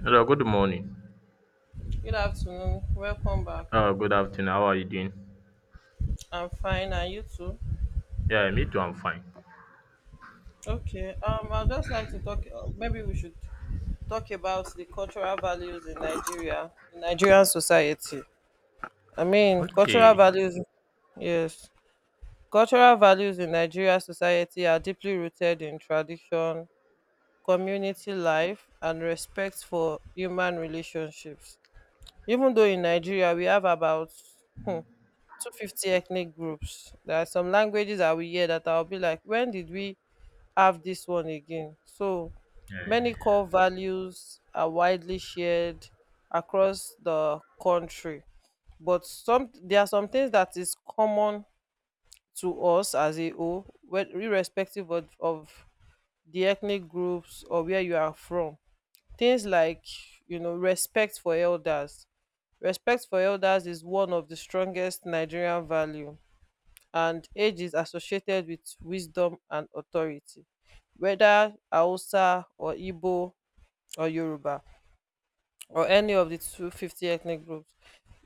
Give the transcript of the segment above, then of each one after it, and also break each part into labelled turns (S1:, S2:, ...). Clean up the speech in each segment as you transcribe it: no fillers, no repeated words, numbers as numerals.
S1: Hello, good morning.
S2: Good afternoon. Welcome back.
S1: Good afternoon. How are you doing?
S2: I'm fine. And you too?
S1: Yeah, me too. I'm fine.
S2: Okay. I'd just like to talk. Maybe we should talk about the cultural values in Nigeria, in Nigerian society. I mean, cultural
S1: Okay.
S2: values. Yes, cultural values in Nigeria society are deeply rooted in tradition, community life, and respect for human relationships. Even though in Nigeria we have about 250 ethnic groups. There are some languages that we hear that I'll be like, when did we have this one again? So many core values are widely shared across the country, but some there are some things that is common to us as a whole, irrespective of the ethnic groups or where you are from. Things like respect for elders. Respect for elders is one of the strongest Nigerian value, and age is associated with wisdom and authority, whether hausa or igbo or yoruba or any of the 250 ethnic groups.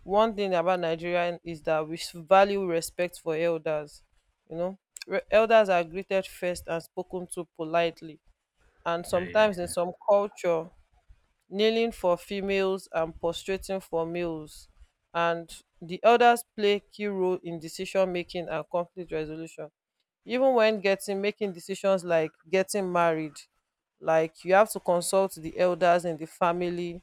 S2: One thing about nigeria is that we value respect for elders, you know elders are greeted first and spoken to politely, and
S1: Yeah,
S2: sometimes
S1: yeah.
S2: in some culture kneeling for females and prostrating for males. And the elders play key role in decision making and conflict resolution, even when getting making decisions like getting married, like you have to consult the elders in the family.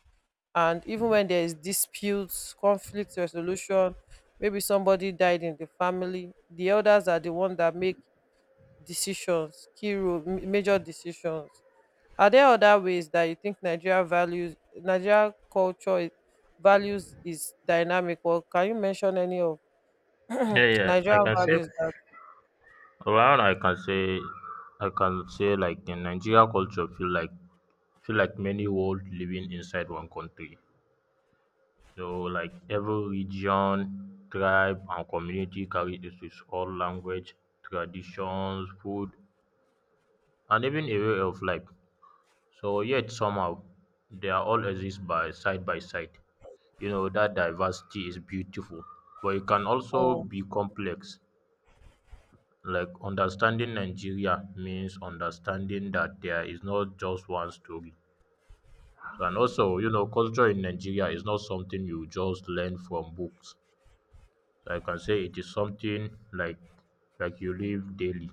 S2: And even when there is disputes, conflict resolution, maybe somebody died in the family, the elders are the one that make decisions, key role, major decisions. Are there other ways that you think Nigeria values, Nigeria culture, values is dynamic? Or can you mention any of
S1: Yeah, yeah. I
S2: Nigeria
S1: can say
S2: values that?
S1: around. I can say like in Nigeria culture feel like many world living inside one country. So like every region, tribe, and community carry its own language, traditions, food, and even a way of life. So yet somehow they are all exist by side by side. That diversity is beautiful, but it can also
S2: Oh.
S1: be complex. Like understanding Nigeria means understanding that there is not just one story. And also culture in Nigeria is not something you just learn from books. Like I can say it is something like you live daily.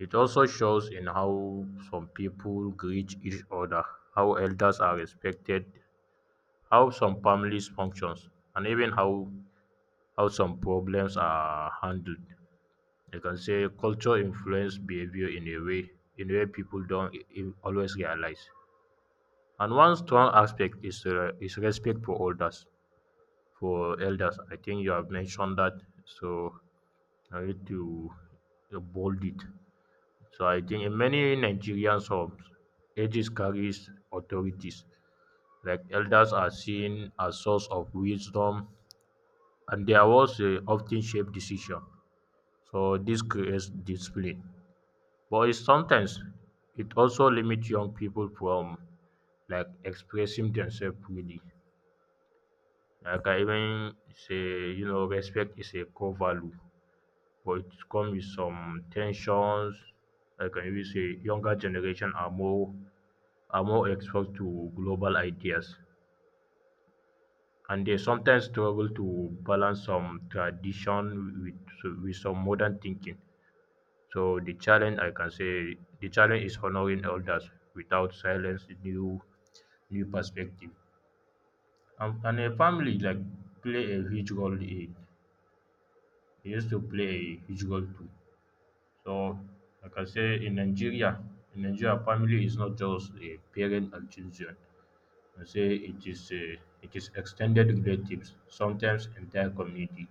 S1: It also shows in how some people greet each other, how elders are respected, how some families functions, and even how some problems are handled. You can say culture influence behavior in a way people don't always realize. And one strong aspect is, respect for elders. For elders, I think you have mentioned that, so I need to bold it. So I think in many Nigerian homes, ages carries authorities. Like elders are seen as source of wisdom, and their words often shape decision. So this creates display, but it's sometimes it also limits young people from like expressing themselves freely. Like I even say, respect is a core value, but it comes with some tensions. Like I even say younger generation are more exposed to global ideas, and they sometimes struggle to balance some tradition with some modern thinking. So the challenge, I can say the challenge is honoring elders without silence new perspective. And a family like play a huge role in it, used to play a huge role too. So like I can say in Nigeria family is not just a parent and children. I say it is extended relatives, sometimes entire community.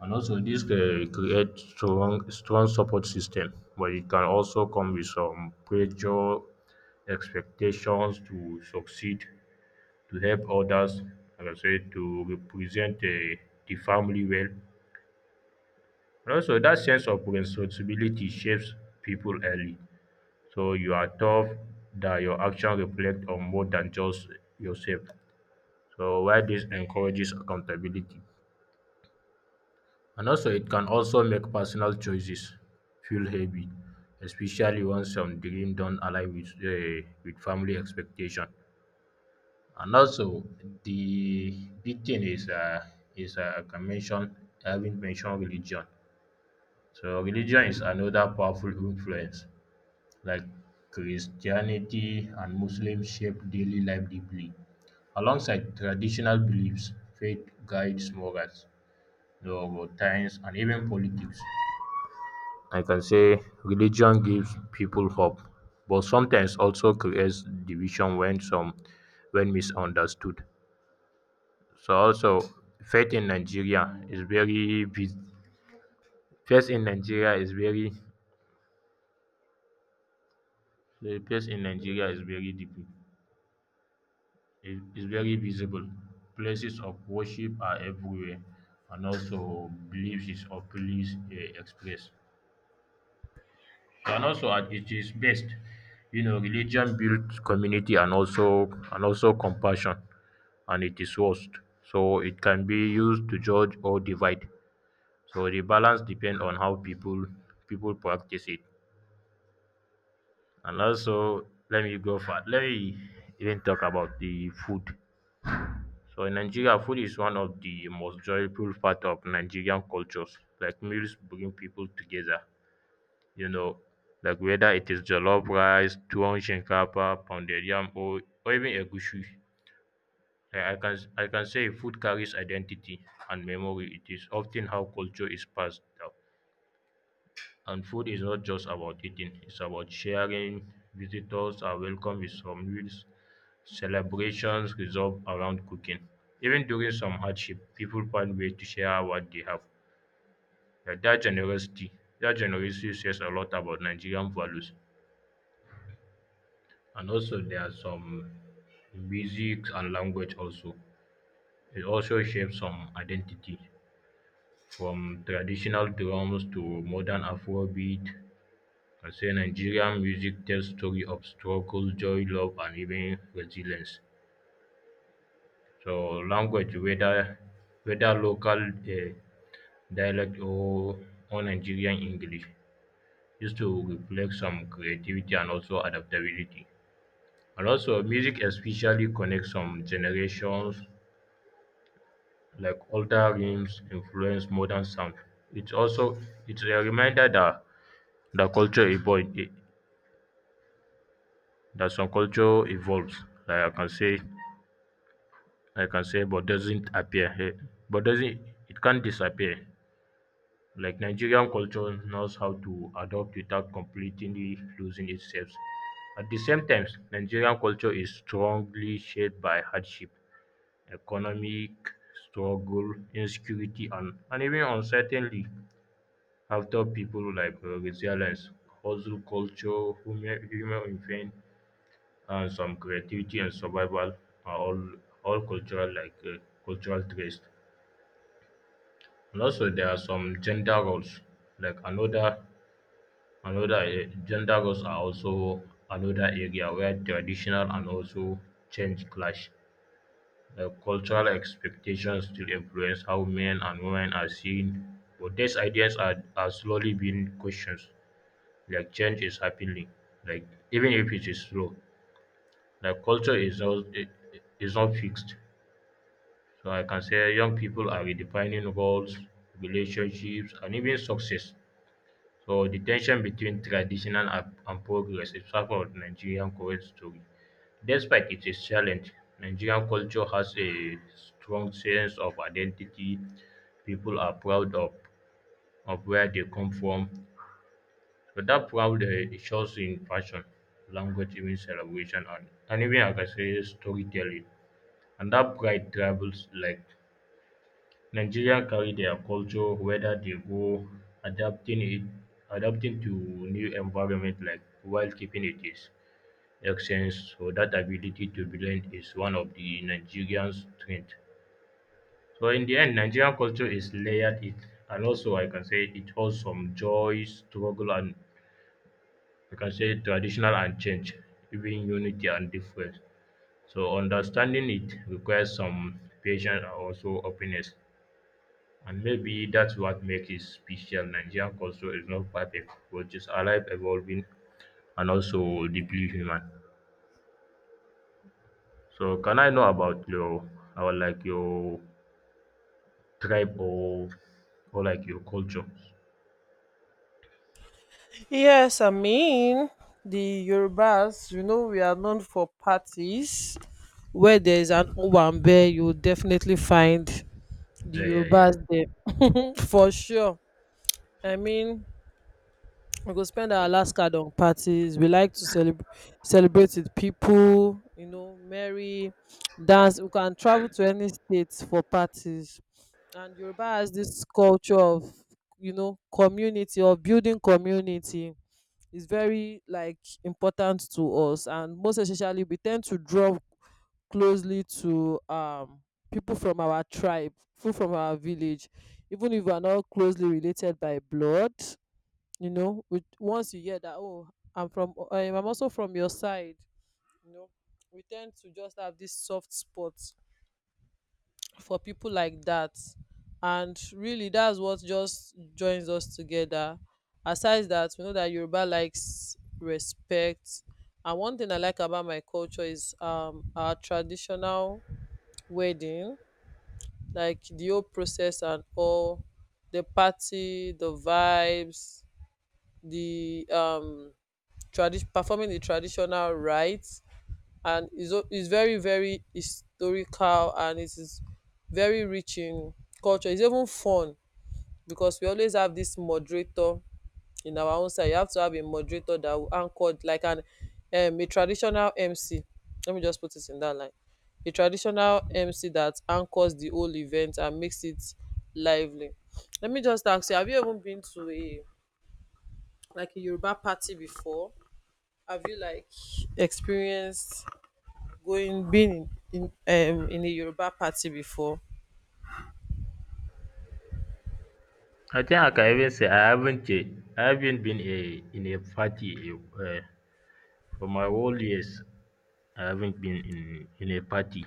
S1: And also, this can create strong support system, but it can also come with some pressure, expectations to succeed, to help others, and I say to represent the family well. And also, that sense of responsibility shapes people early. So you are tough that your action reflect on more than just yourself. So why this encourages accountability. And also, it can also make personal choices feel heavy, especially when some dreams don't align with family expectation. And also, the big thing is I can mention, I haven't mentioned religion. So, religion is another powerful influence. Like Christianity and Muslims shape daily life deeply. Alongside traditional beliefs, faith guides morals, the times, and even politics. I can say religion gives people hope, but sometimes also creates division when some when misunderstood. So also faith in Nigeria is very big. Faith in Nigeria is very the faith in Nigeria is very deep. It is very visible. Places of worship are everywhere, and also beliefs is openly expressed. And also at it is best, you know, religion builds community and also compassion. And it is worst. So it can be used to judge or divide. So the balance depends on how people practice it. And also, let me even talk about the food. So in Nigeria, food is one of the most joyful part of Nigerian cultures. Like meals bring people together. You know, like whether it is jollof rice, tuwon shinkafa, pounded yam, or even egusi. I can say food carries identity and memory. It is often how culture is passed down. And food is not just about eating, it's about sharing. Visitors are welcome with some meals. Celebrations resolve around cooking. Even during some hardship, people find ways to share what they have. Yeah, that generosity says a lot about Nigerian values. And also there are some music and language also. It also shapes some identity. From traditional drums to modern Afrobeat, I say Nigerian music tells story of struggle, joy, love, and even resilience. So language, whether local, um, dialect or Nigerian English, used to reflect some creativity and also adaptability. And also music especially connects some generations, like older rhythms influence modern sound. It's also it's a reminder that the culture evolve that some culture evolves. Like I can say, but doesn't appear here, but doesn't it can't disappear. Like Nigerian culture knows how to adapt without completely losing itself. At the same time, Nigerian culture is strongly shaped by hardship, economic struggle, insecurity, and even uncertainty. After people like resilience, hustle culture, human influence, some creativity and survival are all cultural, cultural traits. And also there are some gender roles. Like another another Gender roles are also another area where traditional and also change clash. Cultural expectations still influence how men and women are seen, but these ideas are slowly being questioned. Like change is happening, like even if it is slow. Like culture is not is not fixed. So I can say young people are redefining roles, relationships, and even success. So the tension between traditional and progress is part of Nigerian current story. Despite it is challenge, Nigerian culture has a strong sense of identity. People are proud of where they come from. So that proud, it shows in fashion, language, even celebration, and even like I can say storytelling. And that pride travels, like Nigeria carry their culture whether they go, adapting it adapting to new environment, like while keeping it is essence, so that ability to blend is one of the Nigerians strength. So in the end Nigerian culture is layered it, and also I can say it holds some joy, struggle, and I can say traditional and change, even unity and difference. So understanding it requires some patience and also openness. And maybe that's what makes it special. Nigerian culture is not perfect, but it's alive, evolving, and also deeply human. So, can I know about your tribe, or like your culture?
S2: Yes, I mean the Yorubas. You know we are known for parties. Where there is an Owambe, you will definitely find the
S1: Yeah, yeah, yeah.
S2: Yorubas there. Mm, for sure. I mean, we go spend our last card on parties. We like to celebrate with people, you know, merry, dance. We can travel to any state for parties. And yoruba has this culture of, you know, community or building community. Is very like important to us, and most especially we tend to draw closely to people from our tribe, people from our village, even if we are not closely related by blood. You know, with once you hear that, oh, I'm also from your side, you know, we tend to just have this soft spot for people like that. And really that's what just joins us together. Aside that, we know that yoruba likes respect. And one thing I like about my culture is our traditional wedding, like the whole process and all, the party, the vibes, the performing the traditional rites. And is very very historical, and it is very rich in culture. It's even fun because we always have this moderator in our own side. You have to have a moderator that will anchor like an a traditional MC. Let me just put it in that line. A traditional MC that anchors the whole event and makes it lively. Let me just ask you, have you ever been to a like a Yoruba party before? Have you like experienced going being in in a Yoruba party before?
S1: I think I can even say I haven't been a in a party for my whole years. I haven't been in a party.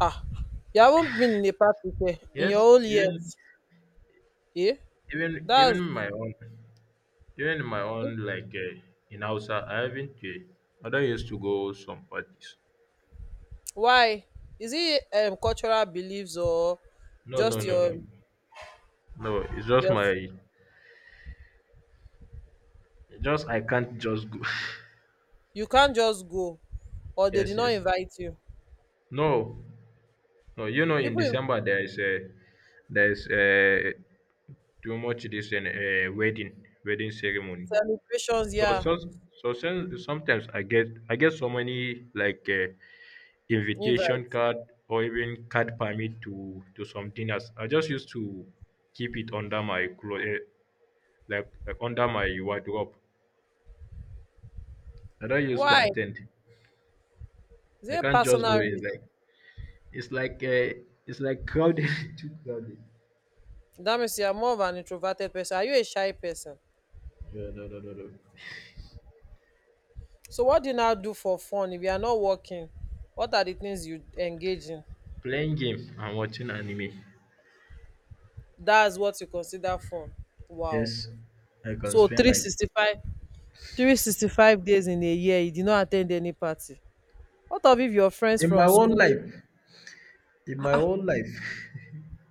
S2: Ah, you haven't been in a party in your
S1: Yes,
S2: whole years. Eh?
S1: even
S2: That's
S1: my own. Even in my own, like, in Hausa, I haven't. I don't used to go some parties.
S2: why. Is it cultural beliefs or
S1: No, no,
S2: just
S1: no, no,
S2: your
S1: no. It's just
S2: your
S1: my, just I can't just go.
S2: you can't just go, or they
S1: Yes,
S2: did not
S1: yes.
S2: invite you?
S1: No, no. You know, in
S2: People in
S1: December there there is a too much this and a wedding ceremony.
S2: celebrations,
S1: So,
S2: yeah,
S1: so, Sometimes I get so many, like. Invitation
S2: invite.
S1: card or even card permit to some dinners. I just used to keep it under my clothes, like under my wardrobe. I don't used to
S2: Why?
S1: attend.
S2: Is
S1: I
S2: it a
S1: can't just go
S2: personal reason?
S1: in, like it's like uh, it's like crowded, too crowded.
S2: That means you are more of an introverted person. Are you a shy person?
S1: Yeah, no, no, no, no.
S2: So what do you now do for fun if you are not working? What are the things you engage in?
S1: Playing game and watching anime.
S2: That's what you consider fun. Wow.
S1: Yes, I can
S2: So
S1: spend
S2: three
S1: like,
S2: sixty five three sixty five days in a year you did not at ten d any party. What of if your friends
S1: in my
S2: from
S1: own
S2: school,
S1: life. In
S2: ah
S1: my
S2: ah,
S1: own life,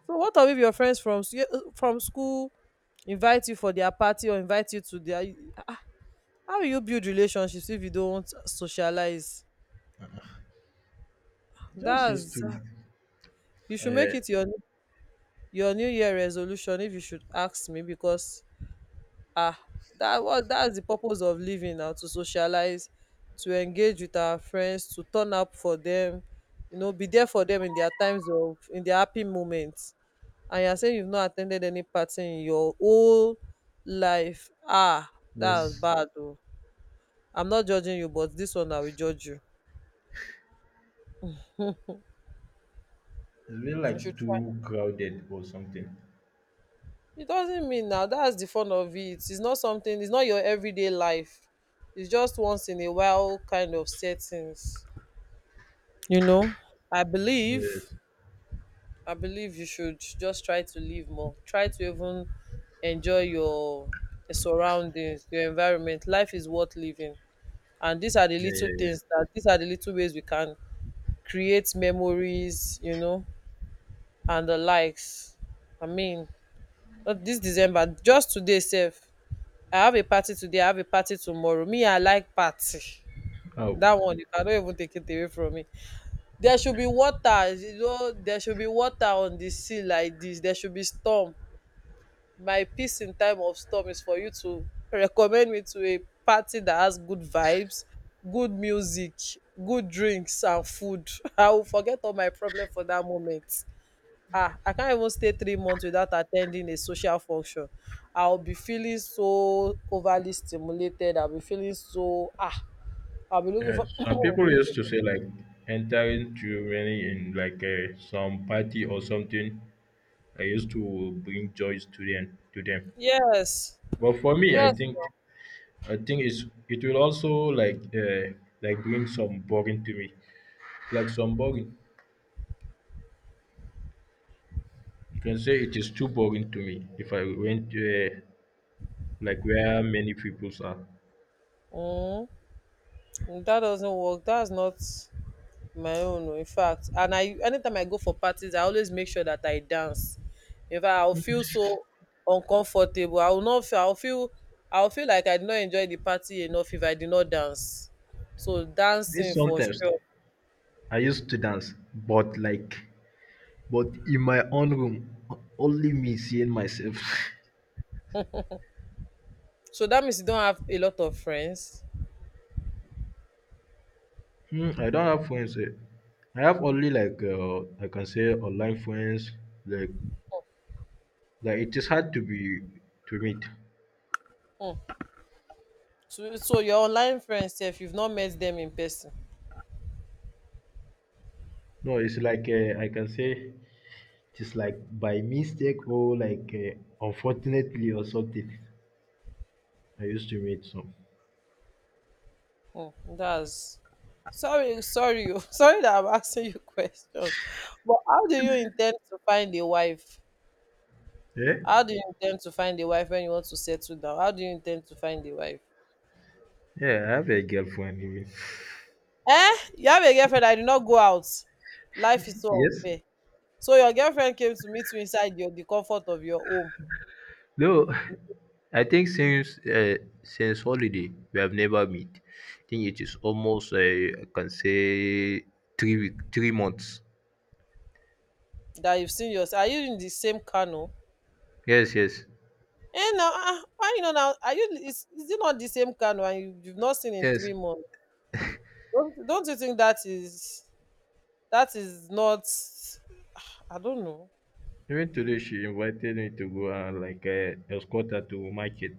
S2: so what of if your friends from from school invite you for their party or invite you to their, ah ah, how will you build relationships if you don't socialize?
S1: just used
S2: That's,
S1: to.
S2: you should
S1: Uh,
S2: make it your new year resolution if you should ask me. Because, ah, that's the purpose of living now, to socialize, to engage with our friends, to turn up for them, you know, be there for them in their times of, in their happy moments. And you're saying you've not attended any party in your whole life. Ah,
S1: yes,
S2: that's
S1: it's
S2: bad though. I'm not judging you, but this one I will judge you.
S1: been
S2: You
S1: like
S2: should
S1: too
S2: try.
S1: crowded or something.
S2: It doesn't mean now. That's the fun of it. It's not something. It's not your everyday life. It's just once in a while kind of settings. You know, i believe
S1: Yes.
S2: I believe you should just try to live more, try to even enjoy your surroundings, your environment. Life is worth living, and these are the
S1: Yeah,
S2: little
S1: yeah, yeah.
S2: things that, these are the little ways we can create memories, you know, and the likes. I mean, not this december, just today safe. I have a party today, I have a party tomorrow. Me, I like party.
S1: Oh,
S2: That one you cannot even take it away from me. There should be water, you know, there should be water on the sea like this. There should be storm. My peace in time of storm is for you to recommend me to a party that has good vibes, good music, good drinks and food. I will forget all my problem for that moment. Ah, I can't even stay 3 months without attending a social function. I'll be feeling so overly stimulated. I'll be feeling so ah. I'll be looking
S1: yeah.
S2: for
S1: Some people
S2: looking.
S1: used to say like entering too many in, like, some party or something. I used to bring joys to them.
S2: Yes.
S1: But for me,
S2: Yes.
S1: I think it will also like, like bring some boring to me. Like some boring. You can say it is too boring to me if I went, like where many peoples are.
S2: Mm, that doesn't work. That's not my own. Oh, In fact, and i anytime I go for parties, I always make sure that I dance. In fact, I'll feel so uncomfortable. I will not. I'll feel. I'll feel like I did not enjoy the party enough if I did not dance. So
S1: This
S2: dancing for
S1: sometimes
S2: sure.
S1: I used to dance, but in my own room, only me seeing myself.
S2: So that means you don't have a lot of friends.
S1: Hmm, I don't have friends. Eh. I have only like, I can say online friends. Like like it is hard to be to meet.
S2: Mm. So your online friends, if you've not met them in person.
S1: No, it's like, I can say it's like by mistake or like, unfortunately or something. I used to meet some.
S2: Mm, that's, sorry, sorry, sorry that I'm asking you question. But how do you intend to find a wife?
S1: Yeah,
S2: How do you intend to find a wife when you want to settle down? How do you intend to find a wife?
S1: yeah. I have a girlfriend even.
S2: Eh? You have a girlfriend that did not go out. Life is so
S1: Yes.
S2: unfair. So your girlfriend came to meet you inside your the comfort of your home
S1: No, I think since holiday we have never meet. I think it is almost, I can say 3 week, 3 months.
S2: that you've seen yourself. Are you in the same canoe?
S1: Yes, yes,
S2: Eh now, ah, why you know now? Are you, is it not the same canoe and you've not seen in
S1: yes.
S2: 3 months? Don't you think that is, that is not, I don't know.
S1: Even today, she invited me to go and like, escort her to market.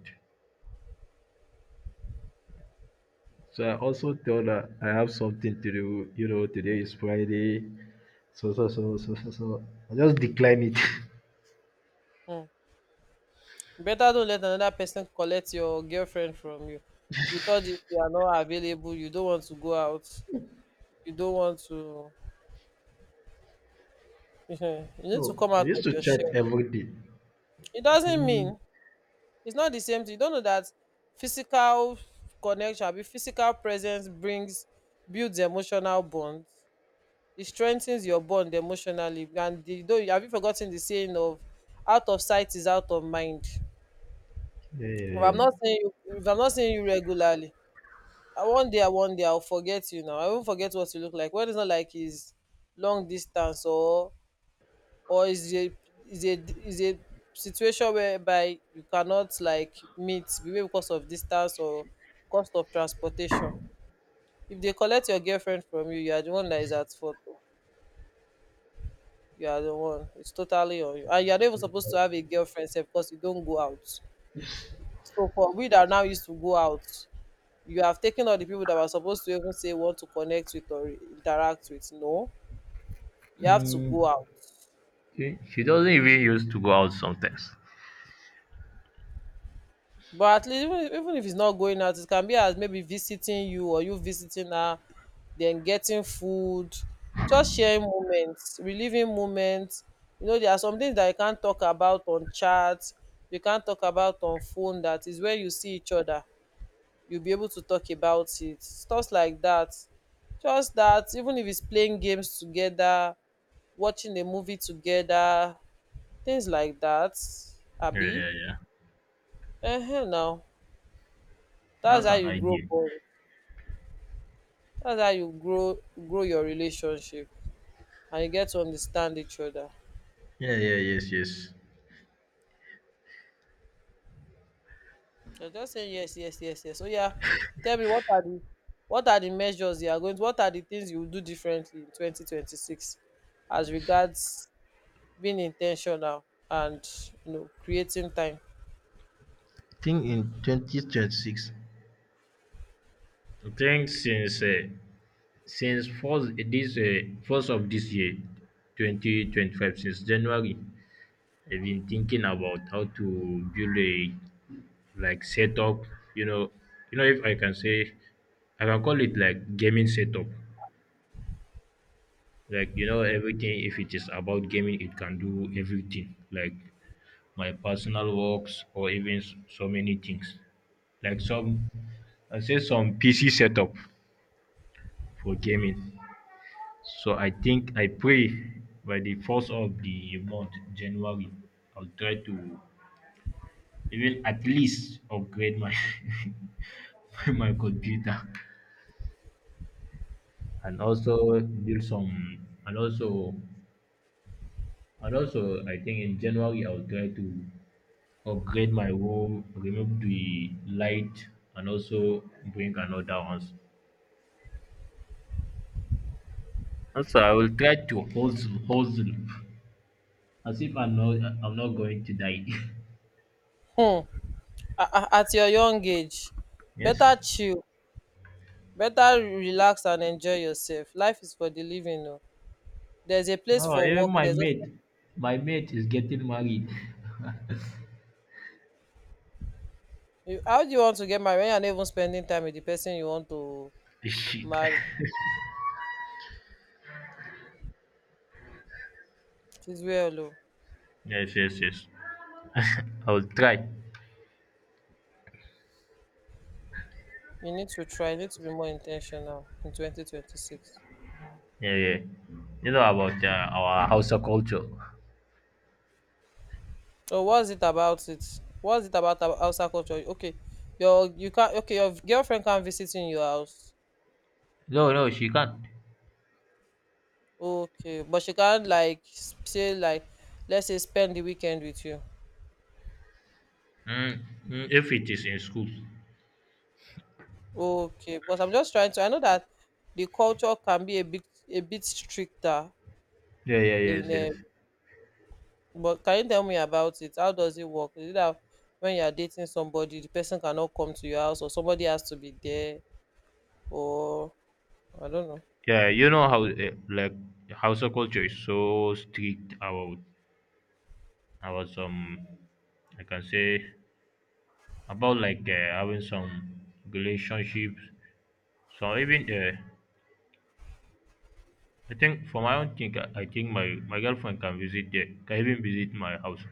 S1: So I also told her I have something to do. You know, today is Friday. So. I just decline it.
S2: Mm. Better don't let another person collect your girlfriend from you with all this. You are not available, you don't want to go out, you don't want to. You
S1: So
S2: need to come
S1: we
S2: out
S1: used
S2: of
S1: to
S2: your
S1: chat
S2: shell.
S1: every day.
S2: It
S1: I
S2: doesn't
S1: think,
S2: mean. It's not the same thing. You don't know that physical connection, abi physical presence, brings builds emotional bonds. It strengthens your bond emotionally. And the, though, have you forgotten the saying of, out of sight is out of mind?
S1: yeah, yeah,
S2: If I'm
S1: yeah.
S2: not seeing you, if I'm not seeing you regularly, I one day I'll forget you. Now I won't forget what you look like. When it's not like it's long distance or, or is a is a is a situation whereby you cannot like meet, maybe because of distance or cost of transportation. If they collect your girlfriend from you, you are the one that is at fault. Oh. You are the one. It's totally on you, and you are not even supposed to have a girlfriend sef, because you don't go out. So for we that are now used to go out, you have taken all the people that were supposed to even say want to connect with or interact with. No, you have to go
S1: Mm,
S2: out.
S1: she doesn't even used to go out sometimes.
S2: But at least even, even if it's not going out, it can be as maybe visiting you or you visiting her, then getting food, just sharing moments, reliving moments. You know, there are some things that you can't talk about on chat, you can't talk about on phone. That is when you see each other, you'll be able to talk about it. Stuff like that. Just that, even if it's playing games together, watching a movie together, things like that.
S1: Yeah,
S2: Abi?
S1: yeah, yeah.
S2: Ehen now. That's
S1: That's
S2: how
S1: an
S2: you grow
S1: idea.
S2: bond. That's how you grow grow your relationship, and you get to understand each other.
S1: Yeah, yeah, yes, yes.
S2: You're just saying yes, yes, yes, yes. So yeah, tell me what are the, what are the measures you are going to, what are the things you will do differently in 2026, as regards being intentional and, you know, creating time.
S1: think in 2026. I think since first this first of this year, 2025, since January, I've been thinking about how to build a like setup. You know, you know, if I can say, I can call it like gaming setup. Like you know everything. If it is about gaming, it can do everything. Like my personal works or even so many things like some I say some PC setup for gaming. So I think I pray by the first of the month, January, I'll try to even at least upgrade my my computer and also build some and also I think in January I'll try to upgrade my room, remove the light and also bring another ones. Also, I will try to hustle, as if I'm not going to die.
S2: Hmm. At your young age,
S1: yes.
S2: better chill, better relax and enjoy yourself. Life is for the living, o, there's a place
S1: No,
S2: for
S1: even
S2: work, there's also,
S1: my mate is getting married.
S2: you- how do you want to get married when you're not even spending time with the person you want to
S1: Shit.
S2: marry? It's well, o,
S1: Yes, yes, yes. I will try.
S2: you need to try, you need to be more intentional in 2026.
S1: Yeah, yeah. You know about our Hausa culture.
S2: So what's it about it? What's it about, outside culture? Okay, your, you can't, okay, your girlfriend can't visit in your house.
S1: No, no, she can't.
S2: Okay, but she can't like say like, let's say, spend the weekend with you.
S1: Mm, if it is in school.
S2: Okay, because I'm just trying to. I know that the culture can be a bit, a bit stricter
S1: Yeah, yeah, yes,
S2: in.
S1: yes.
S2: But can you tell me about it? How does it work? Is it that when you are dating somebody, the person cannot come to your house, or somebody has to be there, or I don't know.
S1: Yeah, you know how like Hausa culture is so strict about some I can say about like having some relationships. So even I think for my own thing, I think my girlfriend can visit there, can even visit my house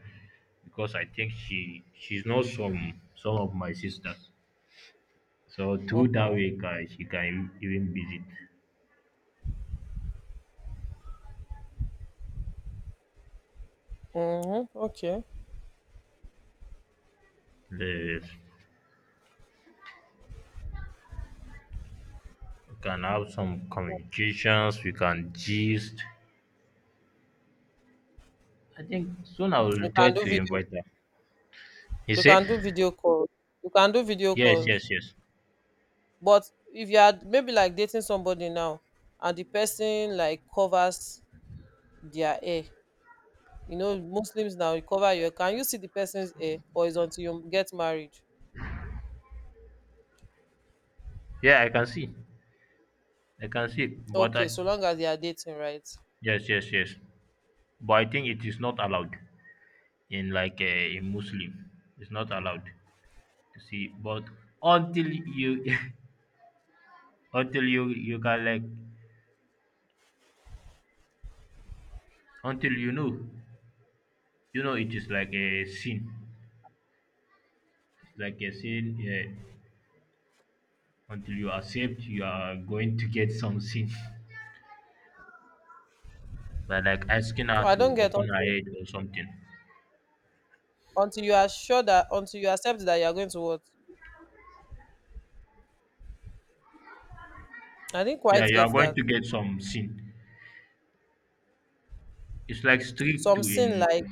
S1: because I think she's not some of my sisters. So through that
S2: Mm-hmm.
S1: way, can, she can even visit.
S2: Mm-hmm. Okay.
S1: The, we can have some communications. We can gist. I think soon I will
S2: You
S1: try
S2: can do
S1: to
S2: video.
S1: invite her. You
S2: You
S1: see?
S2: can do video calls. You can do video
S1: Yes,
S2: calls.
S1: yes, yes.
S2: But if you are maybe like dating somebody now, and the person like covers their hair. You know, Muslims, now you cover your, can you see the person's hair or is until you get married?
S1: Yeah, I can see. I can see. But
S2: Okay,
S1: I
S2: so long as they are dating, right?
S1: yes, yes, yes. But I think it is not allowed in like in Muslim. It's not allowed to see. But until you until you can like until you know it is like a sin. It's like a sin. Until you accept, you are going to get some sin by like asking
S2: So
S1: her
S2: I
S1: to
S2: don't get
S1: open her
S2: until
S1: head or something.
S2: until you are sure that, until you accept that you are going to what? I didn't
S1: Yeah,
S2: quite
S1: you are
S2: get
S1: going
S2: that.
S1: to get some sin. It's like strict
S2: Some
S1: to
S2: sin
S1: in.
S2: like,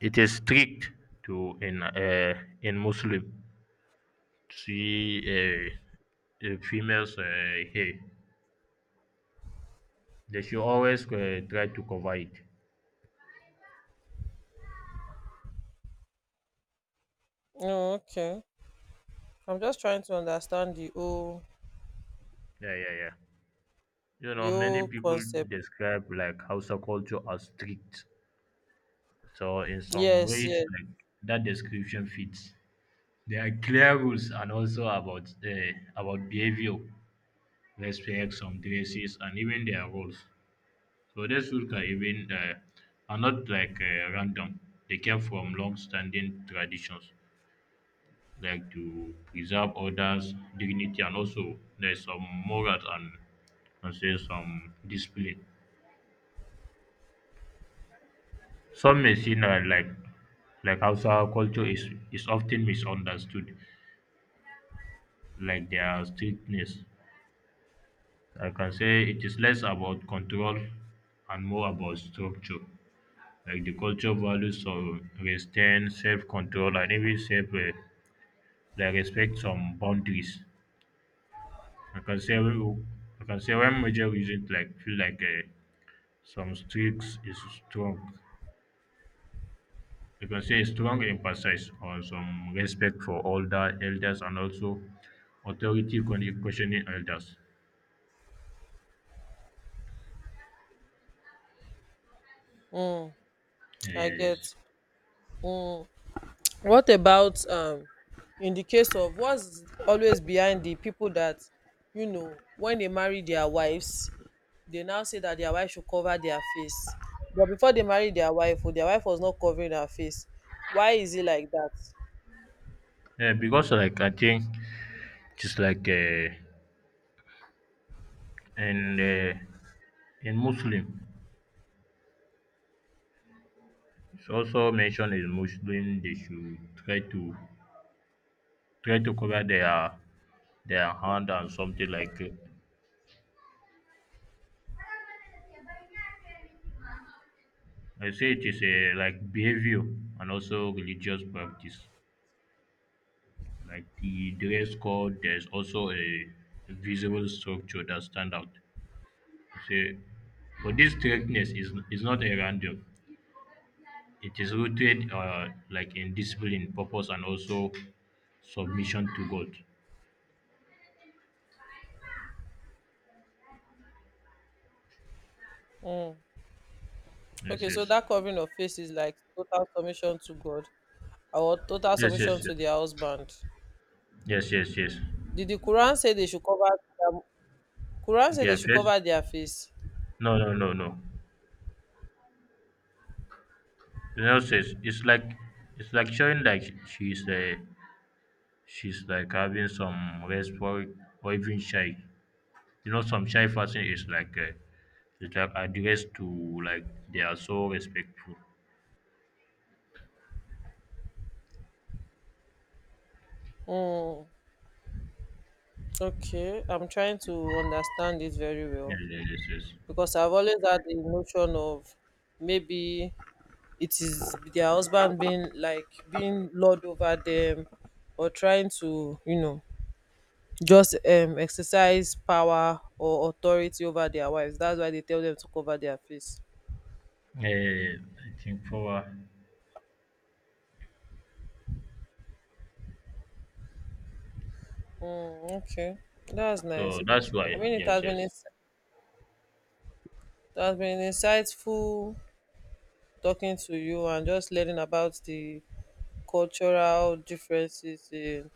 S1: It is strict to in Muslim. See a female's hair, they should always try to cover it.
S2: oh, okay. I'm just trying to understand the whole,
S1: Yeah, yeah, yeah. You
S2: the
S1: know, many
S2: whole
S1: people
S2: concept.
S1: describe like Hausa culture as strict. So in some
S2: Yes,
S1: ways,
S2: yes.
S1: like that description fits. There are clear rules and also about behavior, respect, some dresses, and even their roles. So these rules are even are not like random. They came from long-standing traditions, like to preserve others' dignity and also there's some morals and say some discipline. Some may see that like Hausa culture is often misunderstood, like their strictness. I can say it is less about control and more about structure. Like the culture values so restraint, self-control, and even self like respect some boundaries. I can say one major reason like feel like some streaks is strong. You can say strong emphasis on some respect for older elders and also authority questioning elders.
S2: Mm,
S1: Yeah,
S2: I
S1: yeah,
S2: get.
S1: yes.
S2: Mm. What about in the case of what's always behind the people that, you know, when they marry their wives, they now say that their wife should cover their face, but before they marry their wife, oh, their wife was not covering her face. Why is it like that?
S1: Yeah, because like I think just like in uh, in Muslim, it's also mentioned in Muslim they should try to try to cover their hand and something like I say it is a like behavior and also religious practice. Like the dress code, there's also a visible structure that stand out. Say, but this strictness is not a random. It is rooted like in discipline, purpose, and also submission to God.
S2: Mm.
S1: Yes,
S2: Okay, so
S1: yes,
S2: that covering of face is like total submission to god or total
S1: yes, yes,
S2: submission
S1: yes,
S2: to their husband?
S1: yes, yes, yes.
S2: Did the quran say they should cover their, quran say they
S1: Their
S2: should
S1: face?
S2: cover their face?
S1: No, no, no, no. You know, says it's like showing like she's like having some rest for or even shy. You know, some shy person is like that have adheres to like they are so respectful.
S2: Mm. Okay, I'm trying to understand it very
S1: Yes,
S2: well
S1: yes, yes, yes.
S2: because I've always had the notion of maybe it is their husband being like being lord over them, or trying to, you know, just exercise power or authority over their wives. That's why they tell them to cover their face.
S1: Eh, I think for
S2: Mm, okay, that's
S1: so
S2: nice.
S1: that's
S2: I
S1: why
S2: mean,
S1: yes, yes.
S2: it has been insightful talking to you and just learning about the cultural differences in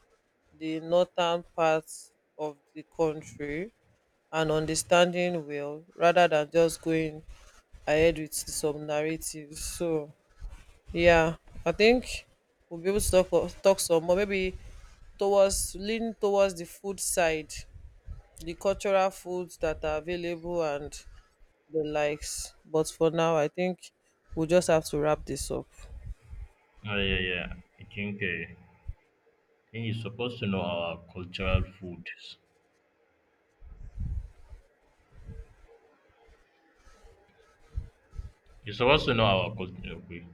S2: the northern parts of the country, and understanding well rather than just going ahead with some narratives. So yeah, I think we'll be able to talk some more, maybe towards, lean towards the food side, the cultural foods that are available and the likes. But for now I think we'll just have to wrap this up.
S1: Yeah, yeah. I think you're supposed to know our cultural foods. You're supposed to know our culture. Okay.